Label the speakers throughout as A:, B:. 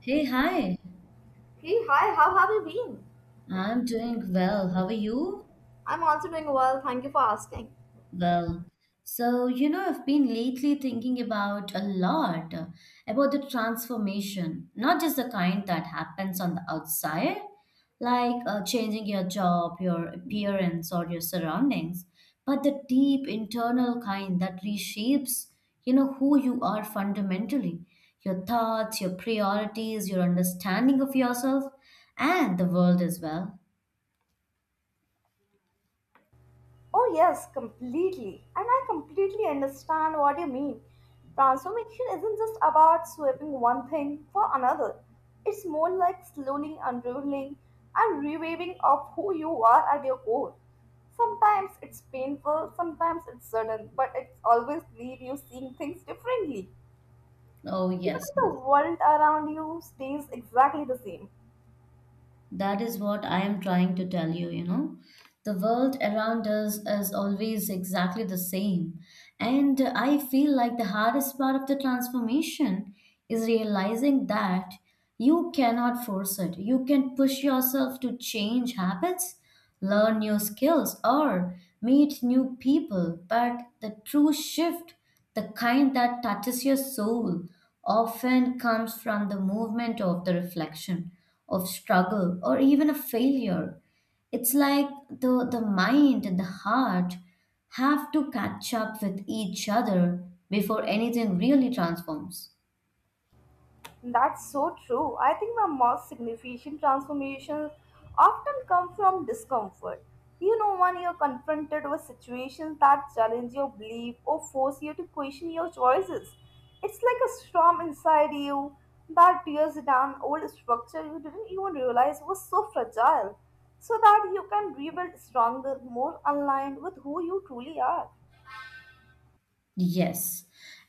A: Hey, hi.
B: Hey, hi, how have you been?
A: I'm doing well. How are you?
B: I'm also doing well, thank you for asking.
A: Well, so you know, I've been lately thinking about a lot about the transformation, not just the kind that happens on the outside, like changing your job, your appearance, or your surroundings, but the deep internal kind that reshapes, you know, who you are fundamentally, your thoughts, your priorities, your understanding of yourself, and the world as well.
B: Oh, yes, completely. And I completely understand what you mean. Transformation isn't just about swapping one thing for another, it's more like slowly unraveling and rewaving of who you are at your core. Sometimes it's painful, sometimes it's sudden, but it's always leave you seeing things differently.
A: Oh,
B: Even
A: yes,
B: if the
A: yes.
B: world around you stays exactly the same.
A: That is what I am trying to tell you, you know. The world around us is always exactly the same. And I feel like the hardest part of the transformation is realizing that you cannot force it. You can push yourself to change habits, learn new skills, or meet new people. But the true shift, the kind that touches your soul, often comes from the movement of the reflection, of struggle, or even a failure. It's like the mind and the heart have to catch up with each other before anything really transforms.
B: That's so true. I think my most significant transformations often come from discomfort. You know, when you're confronted with situations that challenge your belief or force you to question your choices, it's like a storm inside you that tears down old structure you didn't even realize was so fragile, so that you can rebuild stronger, more aligned with who you truly are.
A: Yes.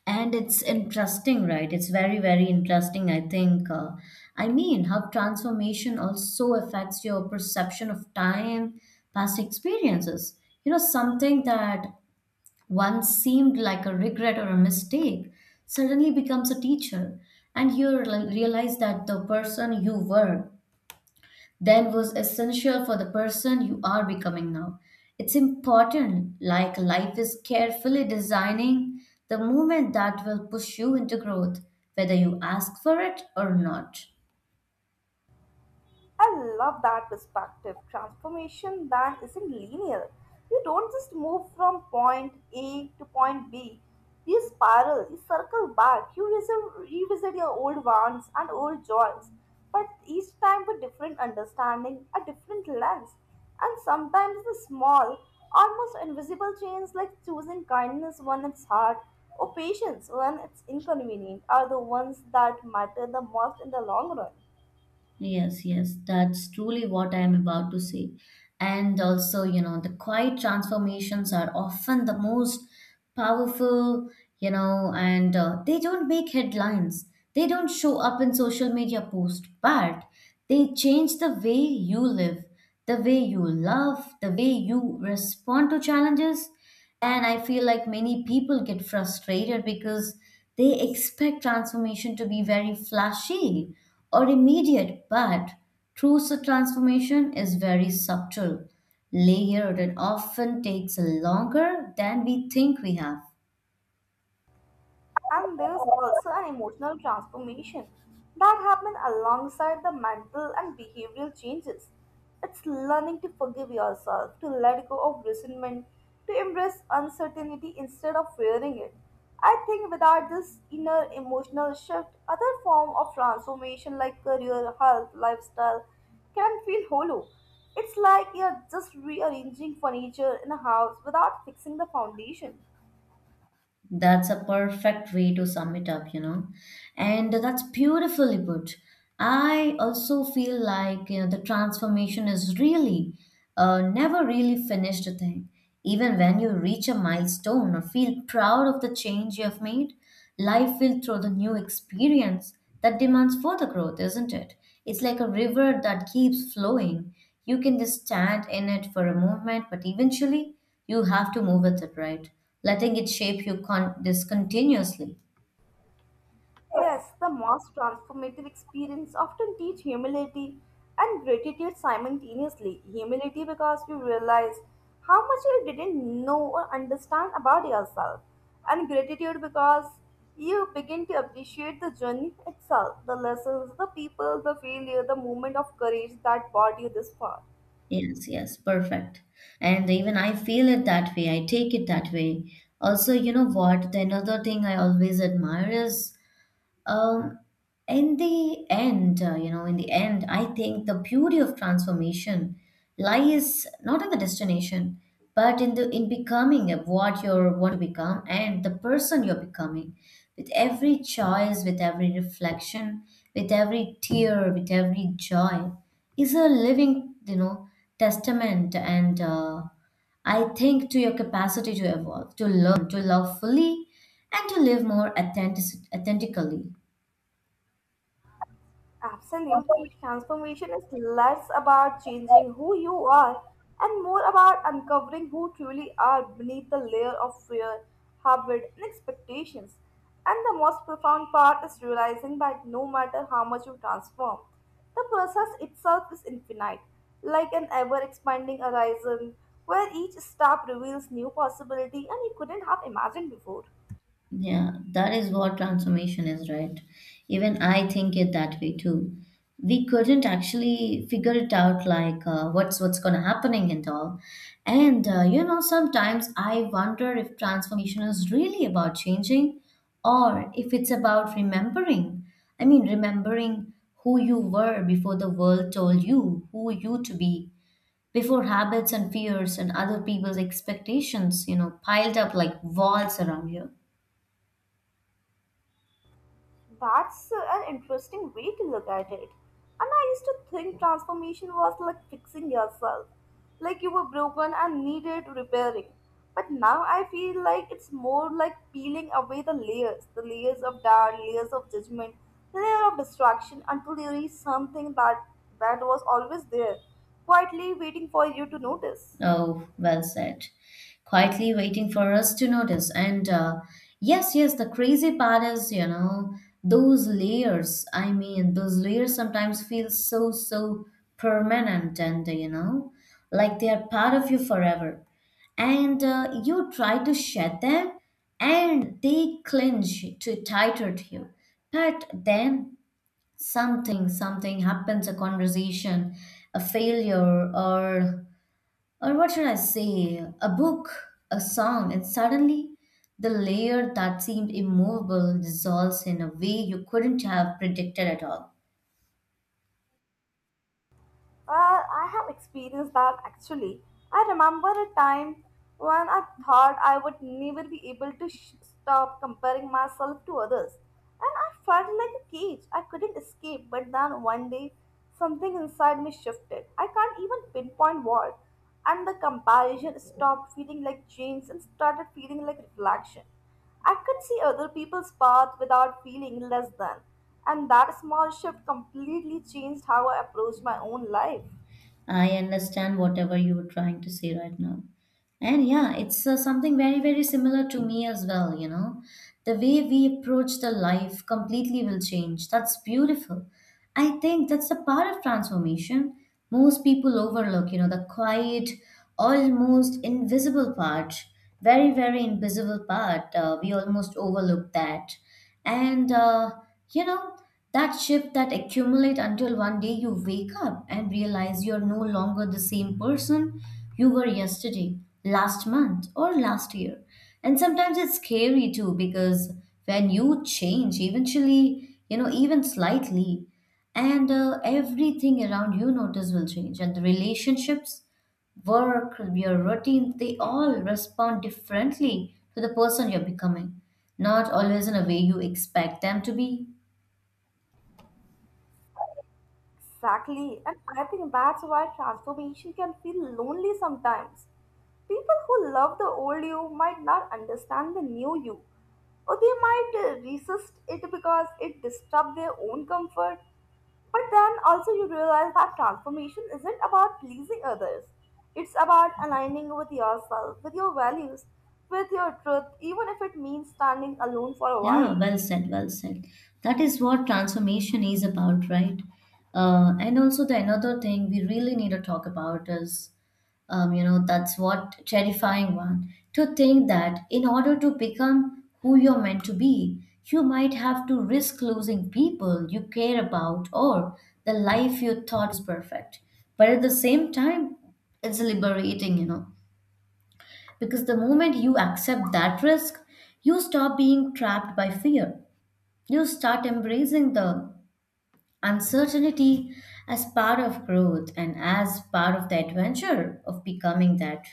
A: And it's interesting, right? It's very, very interesting, I think. I mean, how transformation also affects your perception of time, past experiences. You know, something that once seemed like a regret or a mistake suddenly becomes a teacher, and you realize that the person you were then was essential for the person you are becoming now. It's important, like life is carefully designing the moment that will push you into growth, whether you ask for it or not.
B: I love that perspective. Transformation that isn't linear. You don't just move from point A to point B. You spiral, you circle back, you revisit your old wounds and old joys, but each time with different understanding, a different lens. And sometimes the small, almost invisible changes like choosing kindness when it's hard or patience when it's inconvenient are the ones that matter the most in the long run.
A: Yes, yes, that's truly what I am about to say. And also, you know, the quiet transformations are often the most powerful, you know, and they don't make headlines. They don't show up in social media posts, but they change the way you live, the way you love, the way you respond to challenges. And I feel like many people get frustrated because they expect transformation to be very flashy or immediate, but transformation is very subtle, layered, and often takes longer than we think we have.
B: And there's also an emotional transformation that happens alongside the mental and behavioral changes. It's learning to forgive yourself, to let go of resentment, to embrace uncertainty instead of fearing it. I think without this inner emotional shift, other form of transformation like career, health, lifestyle can feel hollow. It's like you're just rearranging furniture in a house without fixing the foundation.
A: That's a perfect way to sum it up, you know. And that's beautifully put. I also feel like, you know, the transformation is really never really finished a thing. Even when you reach a milestone or feel proud of the change you have made, life will throw the new experience that demands further growth, isn't it? It's like a river that keeps flowing. You can just stand in it for a moment, but eventually you have to move with it, right? Letting it shape you this continuously.
B: Yes, the most transformative experience often teach humility and gratitude simultaneously. Humility because you realize how much you didn't know or understand about yourself, and gratitude because you begin to appreciate the journey itself, the lessons, the people, the failure, the moment of courage that brought you this far.
A: Yes, yes, perfect. And even I feel it that way, I take it that way. Also, you know what, the another thing I always admire is, Um, in the end, you know, in the end, I think the beauty of transformation lies not in the destination, but in the in becoming of what you want to become and the person you're becoming. With every choice, with every reflection, with every tear, with every joy, is a living, you know, testament and. I think to your capacity to evolve, to learn, to love fully, and to live more authentically.
B: Absolutely. Transformation is less about changing who you are and more about uncovering who truly are beneath the layer of fear, habit, and expectations. And the most profound part is realizing that no matter how much you transform, the process itself is infinite, like an ever expanding horizon where each step reveals new possibility and you couldn't have imagined before.
A: Yeah, that is what transformation is, right? Even I think it that way too. We couldn't actually figure it out, like what's gonna happening and all. And you know, sometimes I wonder if transformation is really about changing, or if it's about remembering. I mean, remembering who you were before the world told you who you to be, before habits and fears and other people's expectations, you know, piled up like walls around you.
B: That's an interesting way to look at it. And I used to think transformation was like fixing yourself, like you were broken and needed repairing. But now I feel like it's more like peeling away the layers of doubt, layers of judgment, layer of distraction until you reach something that was always there, quietly waiting for you to notice.
A: Oh, well said. Quietly waiting for us to notice. And yes, yes, the crazy part is, you know, those layers. I mean, those layers sometimes feel so, so permanent and, you know, like they are part of you forever. And you try to shed them and they clinch to tighter to you. But then something happens, a conversation, a failure, or what should I say, a book, a song, and suddenly the layer that seemed immovable dissolves in a way you couldn't have predicted at all.
B: Well, I have experienced that actually. I remember a time when I thought I would never be able to stop comparing myself to others. And I felt like a cage. I couldn't escape, but then one day something inside me shifted. I can't even pinpoint what. And the comparison stopped feeling like chains and started feeling like reflection. I could see other people's path without feeling less than, and that small shift completely changed how I approached my own life.
A: I understand whatever you were trying to say right now. And yeah, it's something very, very similar to me as well, you know. The way we approach the life completely will change. That's beautiful. I think that's a part of transformation. Most people overlook, you know, the quiet, almost invisible part, very, very invisible part. We almost overlook that and you know, that shift that accumulate until one day you wake up and realize you're no longer the same person you were yesterday, last month, or last year. And sometimes it's scary too because when you change eventually, you know, even slightly, and everything around you notice will change, and the relationships, work, your routine, they all respond differently to the person you're becoming, not always in a way you expect them to be.
B: Exactly, and I think that's why transformation can feel lonely sometimes. People who love the old you might not understand the new you, or they might resist it because it disturbs their own comfort. But then also, you realize that transformation isn't about pleasing others, it's about aligning with yourself, with your values, with your truth, even if it means standing alone for a
A: Yeah,
B: while.
A: well said, well said. That is what transformation is about, right? And also the another thing we really need to talk about is, you know, that's what terrifying one. To think that in order to become who you're meant to be, you might have to risk losing people you care about or the life you thought is perfect. But at the same time, it's liberating, you know, because the moment you accept that risk, you stop being trapped by fear, you start embracing the uncertainty as part of growth and as part of the adventure of becoming that.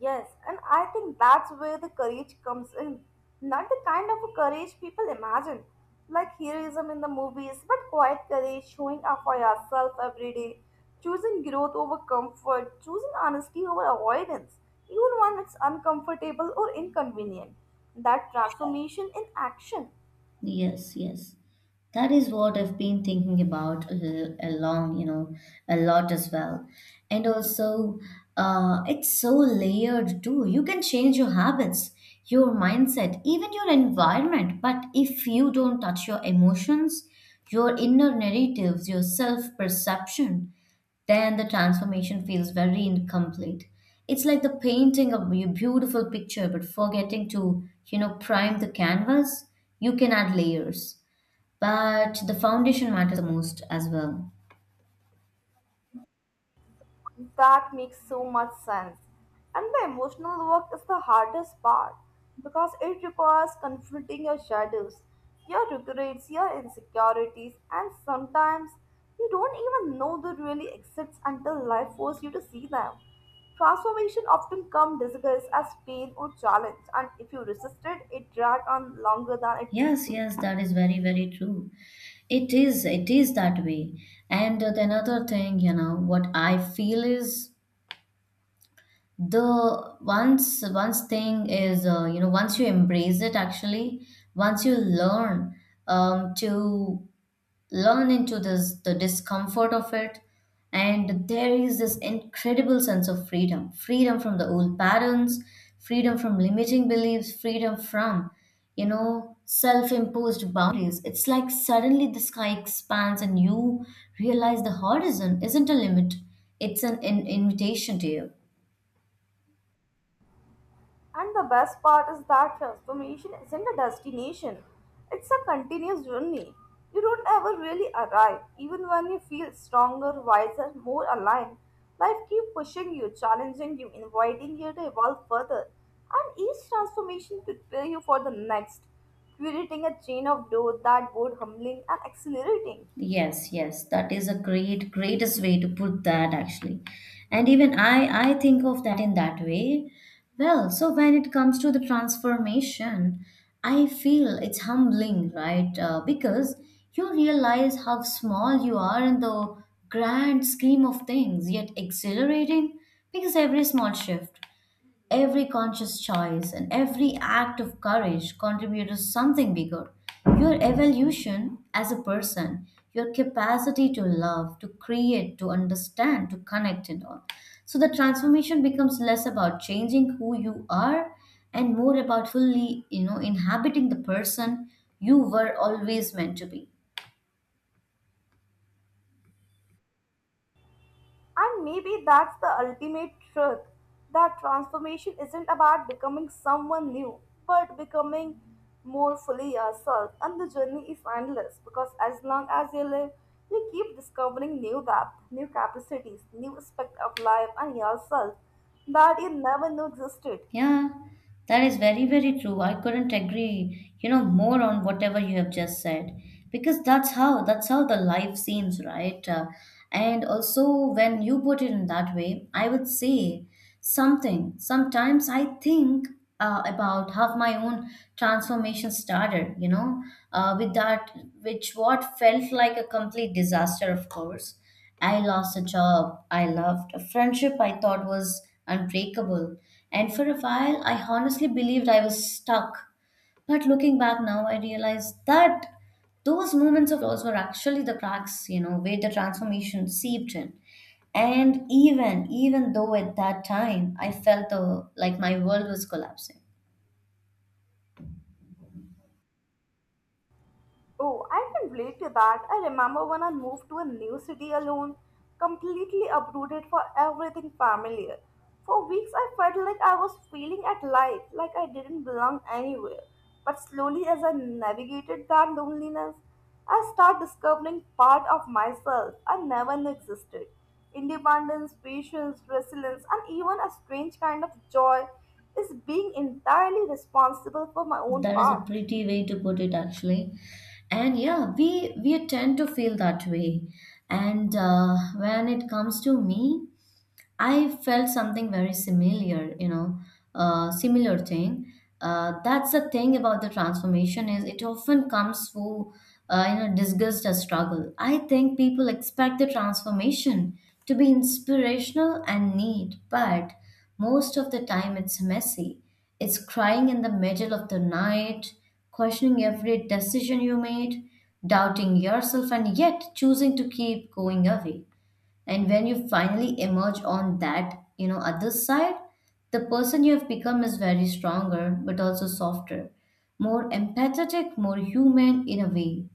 B: Yes, and I think that's where the courage comes in. Not the kind of courage people imagine, like heroism in the movies, but quiet courage, showing up for yourself every day, choosing growth over comfort, choosing honesty over avoidance, even when it's uncomfortable or inconvenient. That transformation in action.
A: Yes, yes. That is what I've been thinking about a long, you know, a lot as well. And also, it's so layered too. You can change your habits, your mindset, even your environment. But if you don't touch your emotions, your inner narratives, your self perception, then the transformation feels very incomplete. It's like the painting of a beautiful picture, but forgetting to, you know, prime the canvas, you can add layers, but the foundation matters the most as well.
B: That makes so much sense. And the emotional work is the hardest part because it requires confronting your shadows, your regrets, your insecurities, and sometimes you don't even know they really exist until life forces you to see them. Transformation often comes disguised as pain or challenge, and if you resist it, it drags on longer than it need
A: Yes,
B: to.
A: yes, that is very, very true. It is, it is that way. And the another thing, you know what I feel is the once thing is, you know, once you embrace it actually, once you learn to learn into this the discomfort of it, and there is this incredible sense of freedom, freedom from the old patterns, freedom from limiting beliefs, freedom from, you know, self-imposed boundaries. It's like suddenly the sky expands and you realize the horizon isn't a limit, it's an invitation to you.
B: And the best part is that transformation isn't a destination, it's a continuous journey. You don't ever really arrive, even when you feel stronger, wiser, more aligned. Life keeps pushing you, challenging you, inviting you to evolve further. And each transformation prepares you for the next, creating a chain of growth that both humbling and exhilarating.
A: Yes, yes, that is a great, greatest way to put that actually. And even I think of that in that way. Well, so when it comes to the transformation, I feel it's humbling, right? Because you realize how small you are in the grand scheme of things, yet exhilarating because every small shift. Every conscious choice and every act of courage contribute to something bigger. Your evolution as a person, your capacity to love, to create, to understand, to connect, and all. So the transformation becomes less about changing who you are and more about fully, you know, inhabiting the person you were always meant to be.
B: And maybe that's the ultimate truth that transformation isn't about becoming someone new, but becoming more fully yourself. And the journey is endless because as long as you live, you keep discovering new depth, new capacities, new aspect of life and yourself that you never knew existed.
A: Yeah, that is very, very true. I couldn't agree, you know, more on whatever you have just said because that's how the life seems, right? And also when you put it in that way, I would say something. Sometimes I think about how my own transformation started, you know, with that, which what felt like a complete disaster, of course. I lost a job I loved, a friendship I thought was unbreakable, and for a while I honestly believed I was stuck. But looking back now, I realize that those moments of loss were actually the cracks, you know, where the transformation seeped in. And even though at that time I felt the, like my world was collapsing.
B: Oh, I can relate to that. I remember when I moved to a new city alone, completely uprooted for everything familiar. For weeks, I felt like I was failing at life, like I didn't belong anywhere. But slowly, as I navigated that loneliness, I started discovering part of myself I never knew existed. Independence, patience, resilience, and even a strange kind of joy is being entirely responsible for my own
A: That is a
B: path.
A: pretty way to put it, actually. And yeah, we tend to feel that way. And when it comes to me, I felt something very similar, you know, similar thing. That's the thing about the transformation is it often comes through, you know, disgust or struggle. I think people expect the transformation to be inspirational and neat, but most of the time it's messy. It's crying in the middle of the night, questioning every decision you made, doubting yourself, and yet choosing to keep going away. And when you finally emerge on that, you know, other side, the person you have become is very stronger but also softer, more empathetic, more human in a way.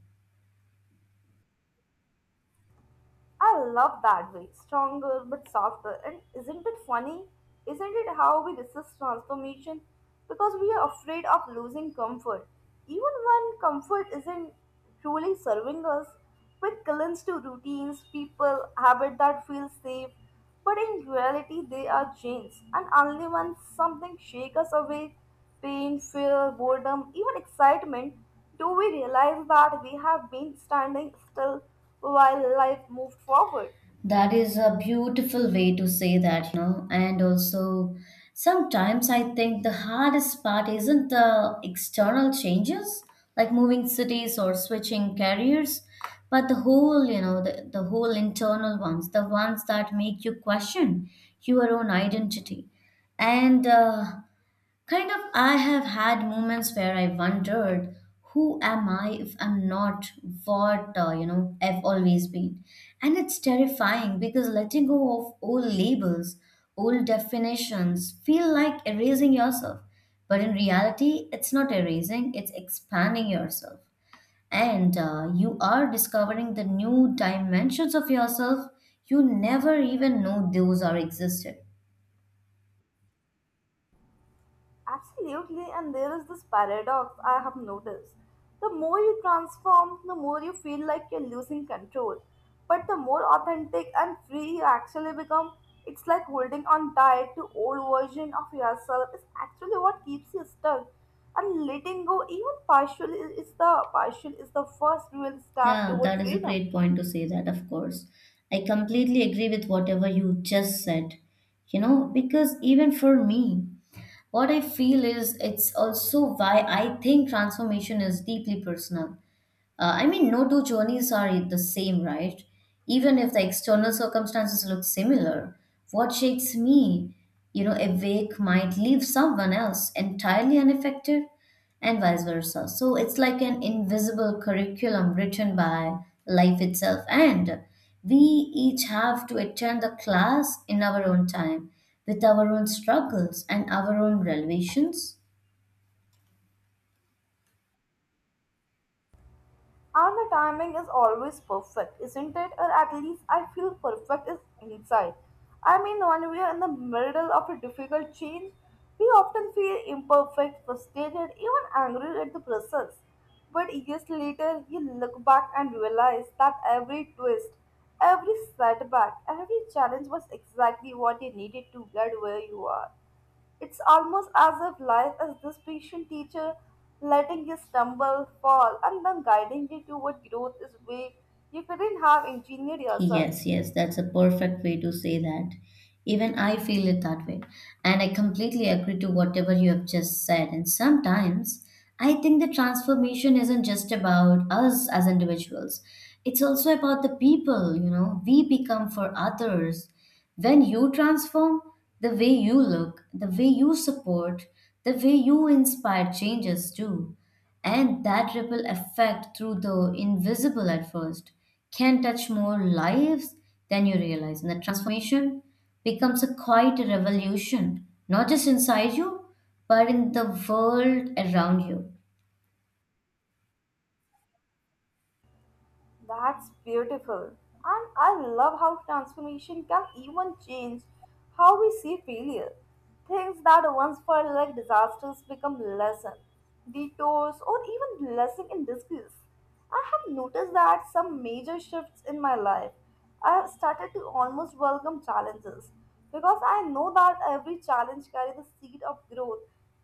B: I love that way, stronger but softer. And isn't it funny? Isn't it how we resist transformation? Because we are afraid of losing comfort. Even when comfort isn't truly serving us, we cling to routines, people, habits that feel safe. But in reality, they are chains, and only when something shakes us away pain, fear, boredom, even excitement do we realize that we have been standing still while life moved forward?
A: That is a beautiful way to say that, you know. And also, sometimes I think the hardest part isn't the external changes, like moving cities or switching careers, but the whole, the whole internal ones, the ones that make you question your own identity. And uh, I have had moments where I wondered, who am I if I'm not what, I've always been? And it's terrifying because letting go of old labels, old definitions feel like erasing yourself. But in reality, it's not erasing, it's expanding yourself. And You are discovering the new dimensions of yourself you never even know those are existed.
B: Absolutely, and there is this paradox I have noticed. The more you transform, the more you feel like you're losing control. But the more authentic and free you actually become, it's like holding on tight to old version of yourself is actually what keeps you stuck. And letting go, even partially, is the first real step
A: Yeah,
B: toward
A: that is a
B: freedom.
A: great point to say that, of course. I completely agree with whatever you just said. You know, because even for me, what I feel is it's also why I think transformation is deeply personal. I mean, no two journeys are the same, right? Even if the external circumstances look similar, what shakes me, you know, awake might leave someone else entirely unaffected and vice versa. So it's like an invisible curriculum written by life itself. And we each have to attend the class in our own time with our own struggles and our own revelations.
B: And the timing is always perfect, isn't it? Or at least I feel perfect is inside. I mean, when we are in the middle of a difficult change, we often feel imperfect, frustrated, even angry at the process. But years later, you look back and realize that every twist, every setback, every challenge was exactly what you needed to get where you are. It's almost as if life is this patient teacher letting you stumble, fall, and then guiding you toward growth is way you couldn't have engineered yourself.
A: Yes, yes, that's a perfect way to say that. Even I feel it that way. And I completely agree to whatever you have just said. And sometimes I think the transformation isn't just about us as individuals, it's also about the people, you know, we become for others. When you transform, the way you look, the way you support, the way you inspire changes too. And that ripple effect through the invisible at first can touch more lives than you realize. And the transformation becomes a quiet revolution, not just inside you, but in the world around you.
B: That's beautiful. And I love how transformation can even change how we see failure. Things that once felt like disasters become lessons, detours, or even blessing in disguise. I have noticed that some major shifts in my life, I have started to almost welcome challenges because I know that every challenge carries the seed of growth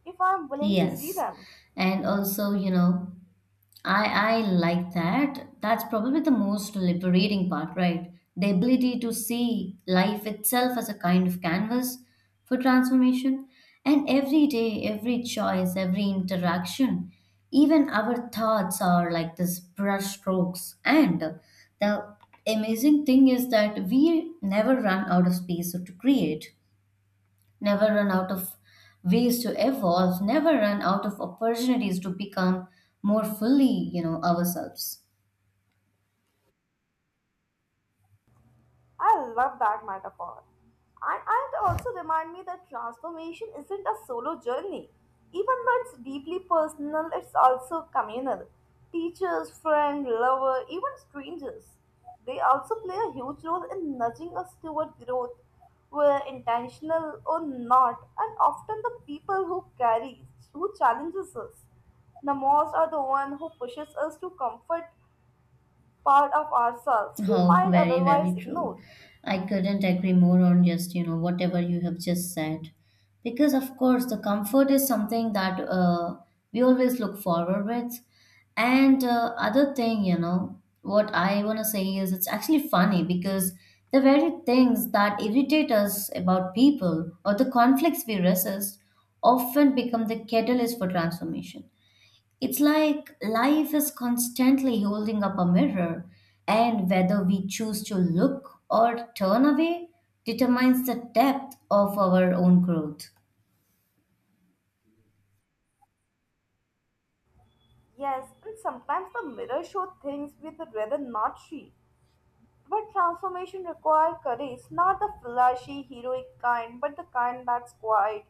B: if I am willing to see
A: Yes.
B: them.
A: And also, you know, I like that. That's probably the most liberating part, right? The ability to see life itself as a kind of canvas for transformation. And every day, every choice, every interaction, even our thoughts are like this brush strokes. And the amazing thing is that we never run out of space to create never run out of ways to evolve, never run out of opportunities to become more fully, you know, ourselves.
B: I love that metaphor. And it also remind me that transformation isn't a solo journey. Even though it's deeply personal, it's also communal. Teachers, friend, lover, even strangers. They also play a huge role in nudging us toward growth, whether intentional or not, and often the people who carry, who challenges us. The most are the one who pushes us to comfort part of ourselves we
A: Oh,
B: might
A: very,
B: otherwise
A: very true.
B: ignore.
A: I couldn't agree more on just, you know, whatever you have just said. Because, of course, the comfort is something that we always look forward with. And Other thing, you know, what I want to say is it's actually funny because the very things that irritate us about people or the conflicts we resist often become the catalyst for transformation. It's like life is constantly holding up a mirror, and whether we choose to look or turn away determines the depth of our own growth.
B: Yes, and sometimes the mirror show things we'd rather not see. But transformation requires courage, not the flashy, heroic kind, but the kind that's quiet,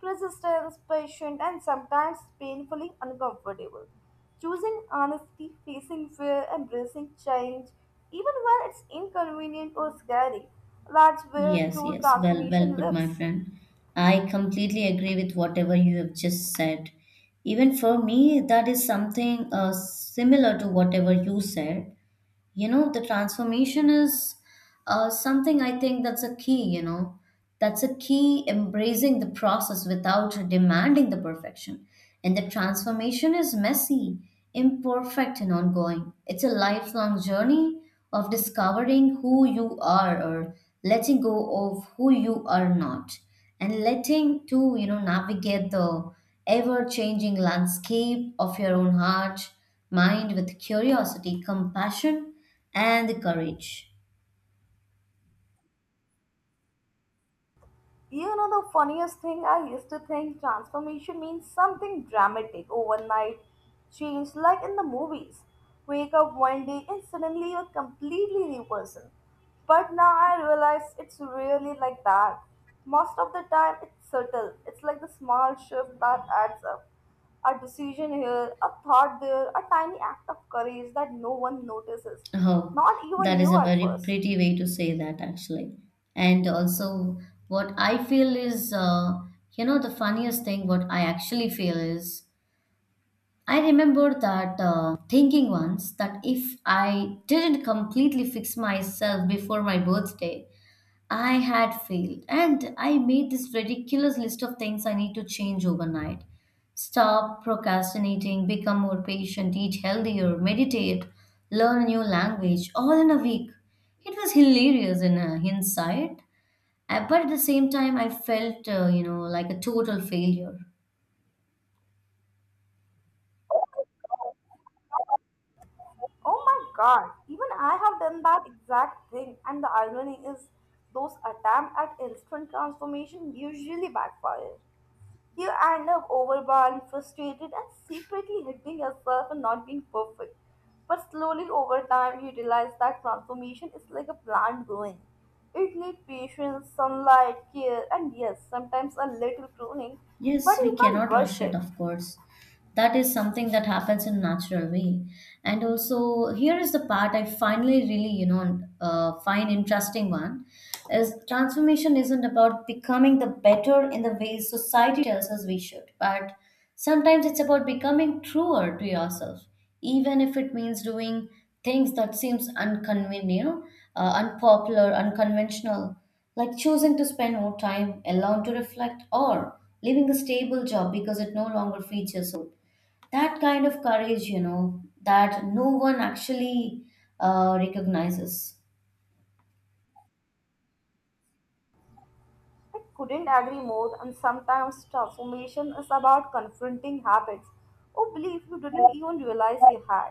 B: persistent, patient, and sometimes painfully uncomfortable. Choosing honesty, facing fear, embracing change, even when it's inconvenient or scary, that's where
A: Yes,
B: true
A: yes. Well, well
B: transformation
A: put, my
B: lives.
A: friend. I completely agree with whatever you have just said. Even for me, that is something similar to whatever you said. You know, the transformation is something I think that's a key, you know, that's a key embracing the process without demanding the perfection. And the transformation is messy, imperfect and ongoing. It's a lifelong journey of discovering who you are or letting go of who you are not and letting to you know navigate the ever changing landscape of your own heart, mind with curiosity, compassion, and courage.
B: You know, the funniest thing, I used to think transformation means something dramatic, overnight change, like in the movies. Wake up one day and suddenly you're completely new person. But now I realize it's really like that. Most of the time, it's subtle. It's like the small shift that adds up. A decision here, a thought there, a tiny act of courage that no one notices.
A: Oh,
B: Not even
A: that is
B: you
A: a
B: at
A: very
B: first.
A: pretty way to say that, actually. And also, what I feel is, you know, the funniest thing, what I actually feel is, I remember that thinking once that if I didn't completely fix myself before my birthday, I had failed, and I made this ridiculous list of things I need to change overnight. Stop procrastinating, become more patient, eat healthier, meditate, learn a new language, all in a week. It was hilarious in hindsight, but at the same time, I felt, you know, like a total failure.
B: Oh my god, even I have done that exact thing, and the irony is, those attempts at instant transformation usually backfire. You end up overwhelmed, frustrated, and secretly hating yourself for not being perfect. But slowly over time, you realize that transformation is like a plant growing. It needs patience, sunlight, care, and yes, sometimes a little pruning, but
A: Yes, we
B: you can't
A: cannot
B: rush
A: rush it,
B: it.
A: of course. That is something that happens in natural way. And also, here is the part I finally really, you know, find interesting one is transformation isn't about becoming the better in the way society tells us we should, but sometimes it's about becoming truer to yourself, even if it means doing things that seems unconvenient, you know, unpopular, unconventional, like choosing to spend more time alone to reflect or leaving a stable job because it no longer feeds your soul. That kind of courage, you know, that no one actually recognizes.
B: I couldn't agree more, and sometimes transformation is about confronting habits or beliefs you didn't even realize you had.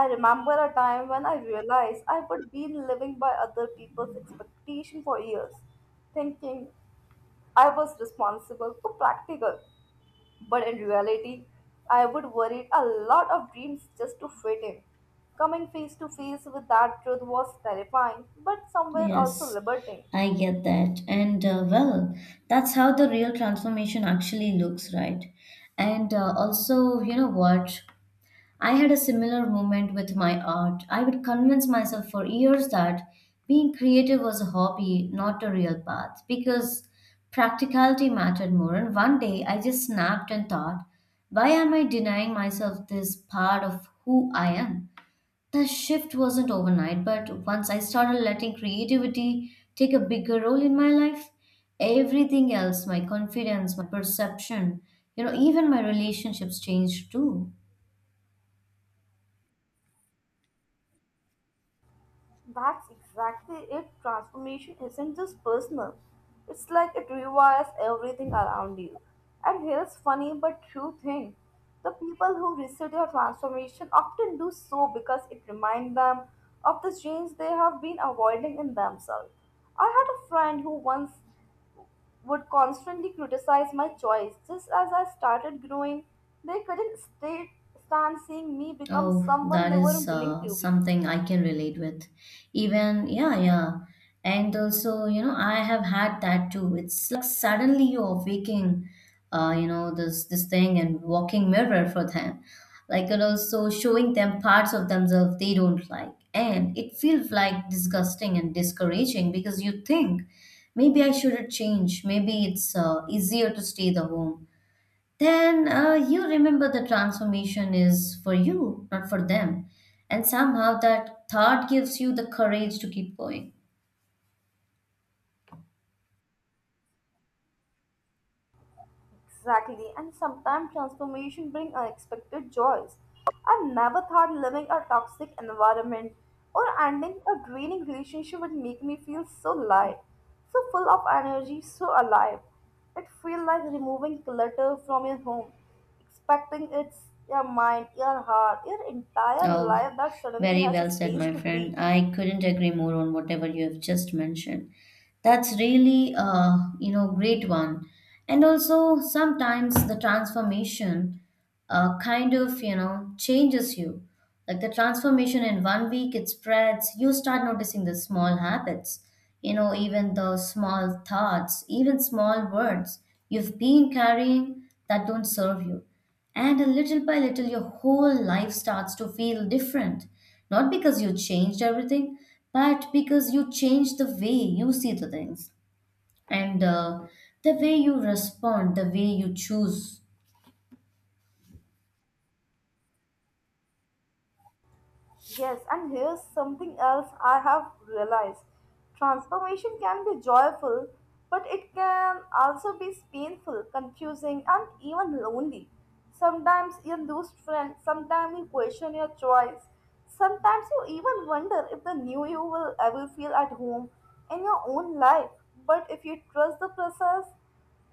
B: I remember a time when I realized I had been living by other people's expectation for years, thinking I was responsible or practical. But in reality, I would worry a lot of dreams just to fit in. Coming face to face with that truth was terrifying, but somewhere also
A: Yes,
B: liberating.
A: I get that. And Well, that's how the real transformation actually looks, right? And also, you know what? I had a similar moment with my art. I would convince myself for years that being creative was a hobby, not a real path, because practicality mattered more. And one day I just snapped and thought, why am I denying myself this part of who I am? The shift wasn't overnight, but once I started letting creativity take a bigger role in my life, everything else, my confidence, my perception, you know, even my relationships changed too.
B: That's exactly it. Transformation isn't just personal, it's like it rewires everything around you. And here's funny but true thing, the people who resist their transformation often do so because it reminds them of the change they have been avoiding in themselves. I had a friend who once would constantly criticize my choice. Just as I started growing, they couldn't stand seeing me become
A: Oh,
B: someone
A: that
B: they
A: is
B: weren't willing to be.
A: something I can relate with. Even, yeah, yeah. And also, you know, I have had that too. It's like suddenly you're waking, you know, this thing and walking mirror for them. Like, and also showing them parts of themselves they don't like. And it feels like disgusting and discouraging because you think maybe I shouldn't change. Maybe it's easier to stay the home then you remember the transformation is for you, not for them. And somehow that thought gives you the courage to keep going.
B: Exactly, and sometimes transformation brings unexpected joys. I never thought living a toxic environment or ending a draining relationship would make me feel so light, so full of energy, so alive. It feels like removing clutter from your home, expecting it's your mind, your heart, your entire
A: Oh,
B: life that suddenly
A: very
B: has a
A: well said,
B: space
A: my
B: to
A: friend.
B: breathe.
A: I couldn't agree more on whatever you have just mentioned. That's really you know, great one. And also sometimes the transformation you know, changes you. Like the transformation in one week, it spreads. You start noticing the small habits, you know, even the small thoughts, even small words you've been carrying that don't serve you. And a little by little, your whole life starts to feel different. Not because you changed everything, but because you changed the way you see the things and the way you respond, the way you choose.
B: Yes, and here's something else I have realized. Transformation can be joyful, but it can also be painful, confusing, and even lonely. Sometimes you lose friends, sometimes you question your choice, sometimes you even wonder if the new you will ever feel at home in your own life. But if you trust the process,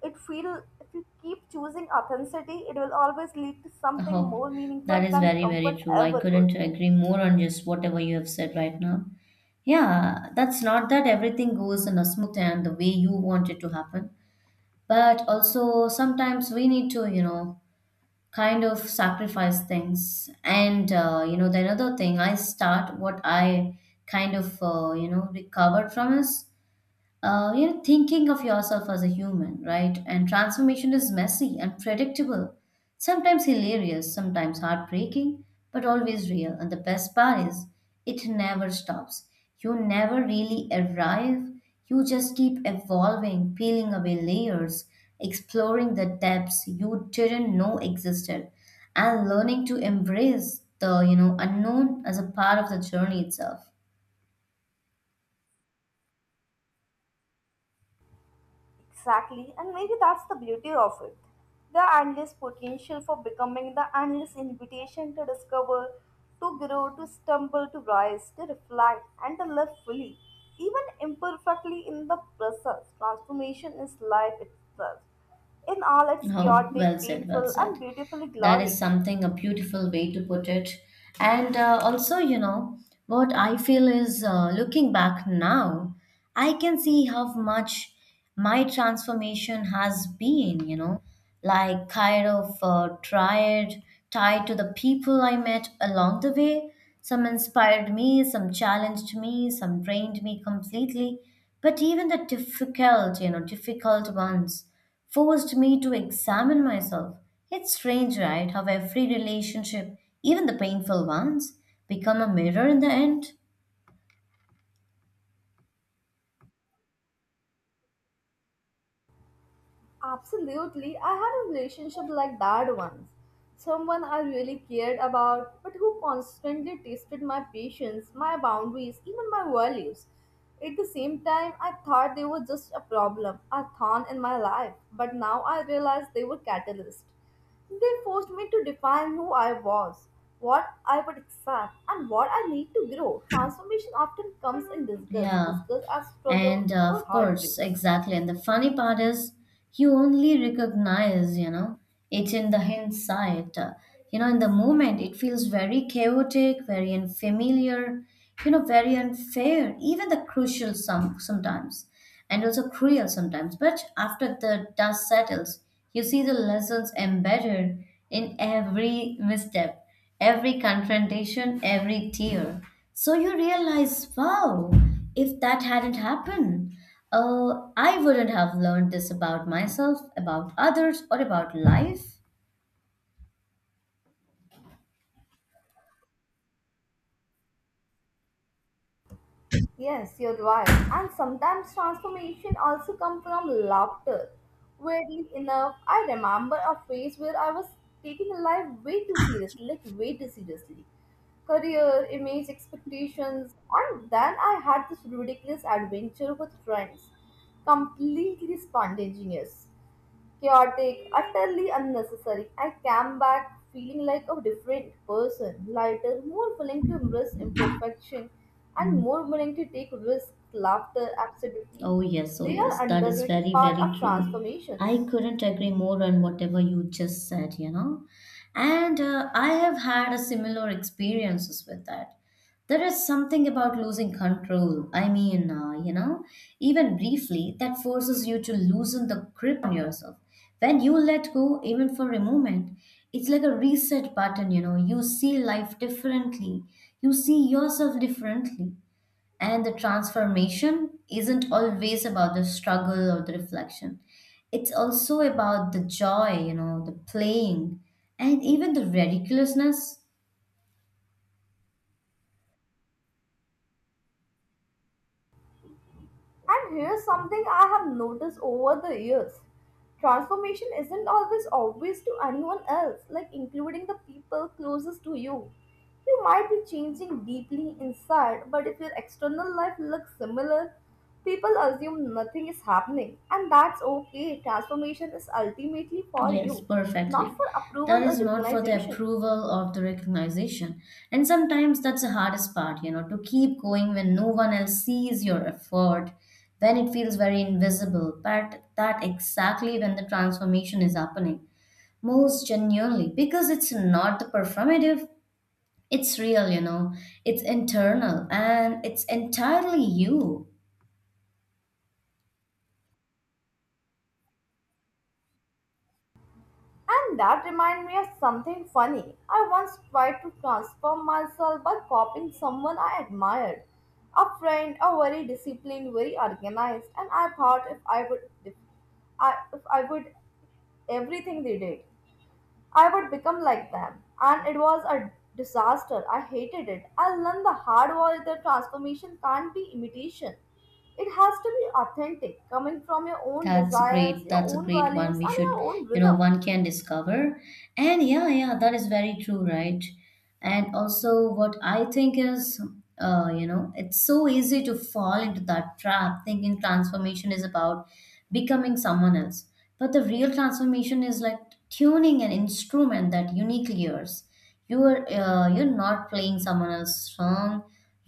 B: it feel if you keep choosing authenticity, it will always lead to something
A: Oh,
B: more
A: that
B: meaningful
A: is
B: than
A: very,
B: comfort
A: very true. I
B: ever could.
A: couldn't agree more on just whatever you have said right now. Yeah, that's not that everything goes in a smooth and the way you want it to happen. But also, sometimes we need to, you know, kind of sacrifice things and you know the another thing I start what I you know recovered from is you know, thinking of yourself as a human, right? And transformation is messy and predictable, sometimes hilarious, sometimes heartbreaking, but always real. And the best part is, it never stops. You never really arrive, you just keep evolving, peeling away layers, exploring the depths you didn't know existed, and learning to embrace the you know unknown as a part of the journey itself.
B: Exactly, and maybe that's the beauty of it. The endless potential for becoming, the endless invitation to discover, to grow, to stumble, to rise, to reflect, and to live fully, even imperfectly in the process. Transformation is life itself, in all its
A: Oh, well
B: chaotic,
A: said, well
B: painful, and
A: said.
B: beautifully
A: That is
B: glory.
A: something, a beautiful way to put it. And Also, you know, what I feel is looking back now, I can see how much my transformation has been, you know, like tied to the people I met along the way. Some inspired me, some challenged me, some trained me completely. But even the difficult, you know, difficult ones forced me to examine myself. It's strange, right? How every relationship, even the painful ones, become a mirror in the end.
B: Absolutely. I had a relationship like that once. Someone I really cared about, but who constantly tested my patience, my boundaries, even my values. At the same time, I thought they were just a problem, a thorn in my life, but now I realize they were catalysts. They forced me to define who I was, what I would accept, and what I need to grow. Transformation often comes in disgust,
A: Yeah,
B: disgust as struggle
A: and
B: or
A: of
B: heartbreak.
A: course, exactly. And the funny part is, you only recognize, you know, it in the hindsight. You know, in the moment, it feels very chaotic, very unfamiliar, you know, very unfair, even the crucial sometimes. And also cruel sometimes. But after the dust settles, you see the lessons embedded in every misstep, every confrontation, every tear. So you realize, wow, if that hadn't happened, I wouldn't have learned this about myself, about others, or about life.
B: Yes, you're right. And sometimes transformation also comes from laughter. Weirdly enough, I remember a phase where I was taking life way too seriously, like way too seriously. Career, image, expectations, and then I had this ridiculous adventure with friends. Completely spontaneous, chaotic, utterly unnecessary. I came back feeling like a different person, lighter, more willing to embrace imperfection, and more willing to take risks, laughter, absolutely.
A: Oh, yes, oh,
B: They
A: yes,
B: are
A: that is
B: underrated
A: very,
B: part
A: very
B: of
A: true. I
B: transformations.
A: couldn't agree more on whatever you just said, you know. And I have had a similar experiences with that. There is something about losing control. I mean, you know, even briefly, that forces you to loosen the grip on yourself. When you let go, even for a moment, it's like a reset button, you know. You see life differently, you see yourself differently. And the transformation isn't always about the struggle or the reflection. It's also about the joy, you know, the playing, and even the ridiculousness.
B: And here's something I have noticed over the years. Transformation isn't always obvious to anyone else, like including the people closest to you. You might be changing deeply inside, but if your external life looks similar, people assume nothing is happening. And that's okay. Transformation is ultimately for
A: Yes,
B: you, not
A: perfectly.
B: for
A: That
B: approval or
A: is not for the
B: recognition.
A: approval or the recognition. And sometimes that's the hardest part, you know, to keep going when no one else sees your effort, when it feels very invisible. But that exactly when the transformation is happening most genuinely because it's not the performative. It's real, you know. It's internal and it's entirely you.
B: And that reminded me of something funny. I once tried to transform myself by copying someone I admired. A friend, a very disciplined, very organized, and I thought if I would everything they did, I would become like them. And it was a disaster. I hated it. I learned the hard way that transformation can't be imitation. It has to be authentic, coming from your own
A: That's
B: desires,
A: great.
B: your
A: That's a
B: own
A: great one.
B: values,
A: We
B: and
A: should,
B: your own
A: you know,
B: rhythm.
A: one can discover. And yeah, yeah, that is very true, right? And also, what I think is, you know, it's so easy to fall into that trap thinking transformation is about becoming someone else. But the real transformation is like tuning an instrument that uniquely yours. You are you're not playing someone else's song.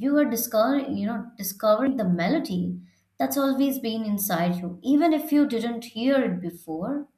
A: You are discovering you know discovering the melody that's always been inside you even if you didn't hear it before.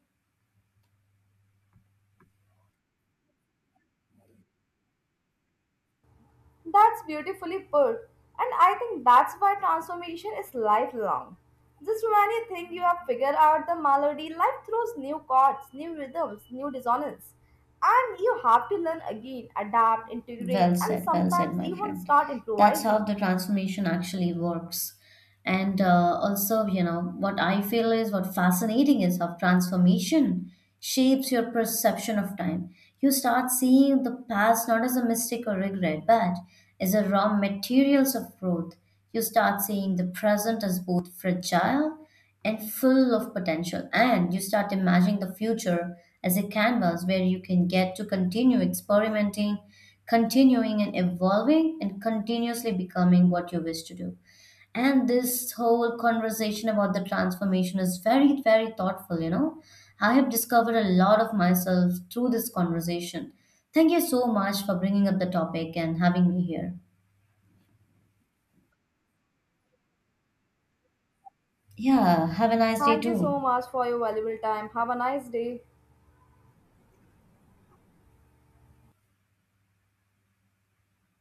B: That's beautifully put. And I think that's why transformation is lifelong. Just when you think you have figured out the melody, life throws new chords, new rhythms, new dissonance. And you have to learn again, adapt, integrate, and
A: Well
B: sometimes
A: said, my
B: even
A: friend.
B: start
A: That's how
B: improvising.
A: the transformation actually works. And Also, you know, what I feel is what fascinating is how transformation shapes your perception of time. You start seeing the past not as a mistake or regret, but as a raw materials of growth. You start seeing the present as both fragile and full of potential. And you start imagining the future as a canvas where you can get to continue experimenting, continuing and evolving, and continuously becoming what you wish to do. And this whole conversation about the transformation is very, very thoughtful, you know. I have discovered a lot of myself through this conversation. Thank you so much for bringing up the topic and having me here. Yeah, have a nice day
B: Thank you so
A: too.
B: much for your valuable time. Have a nice day.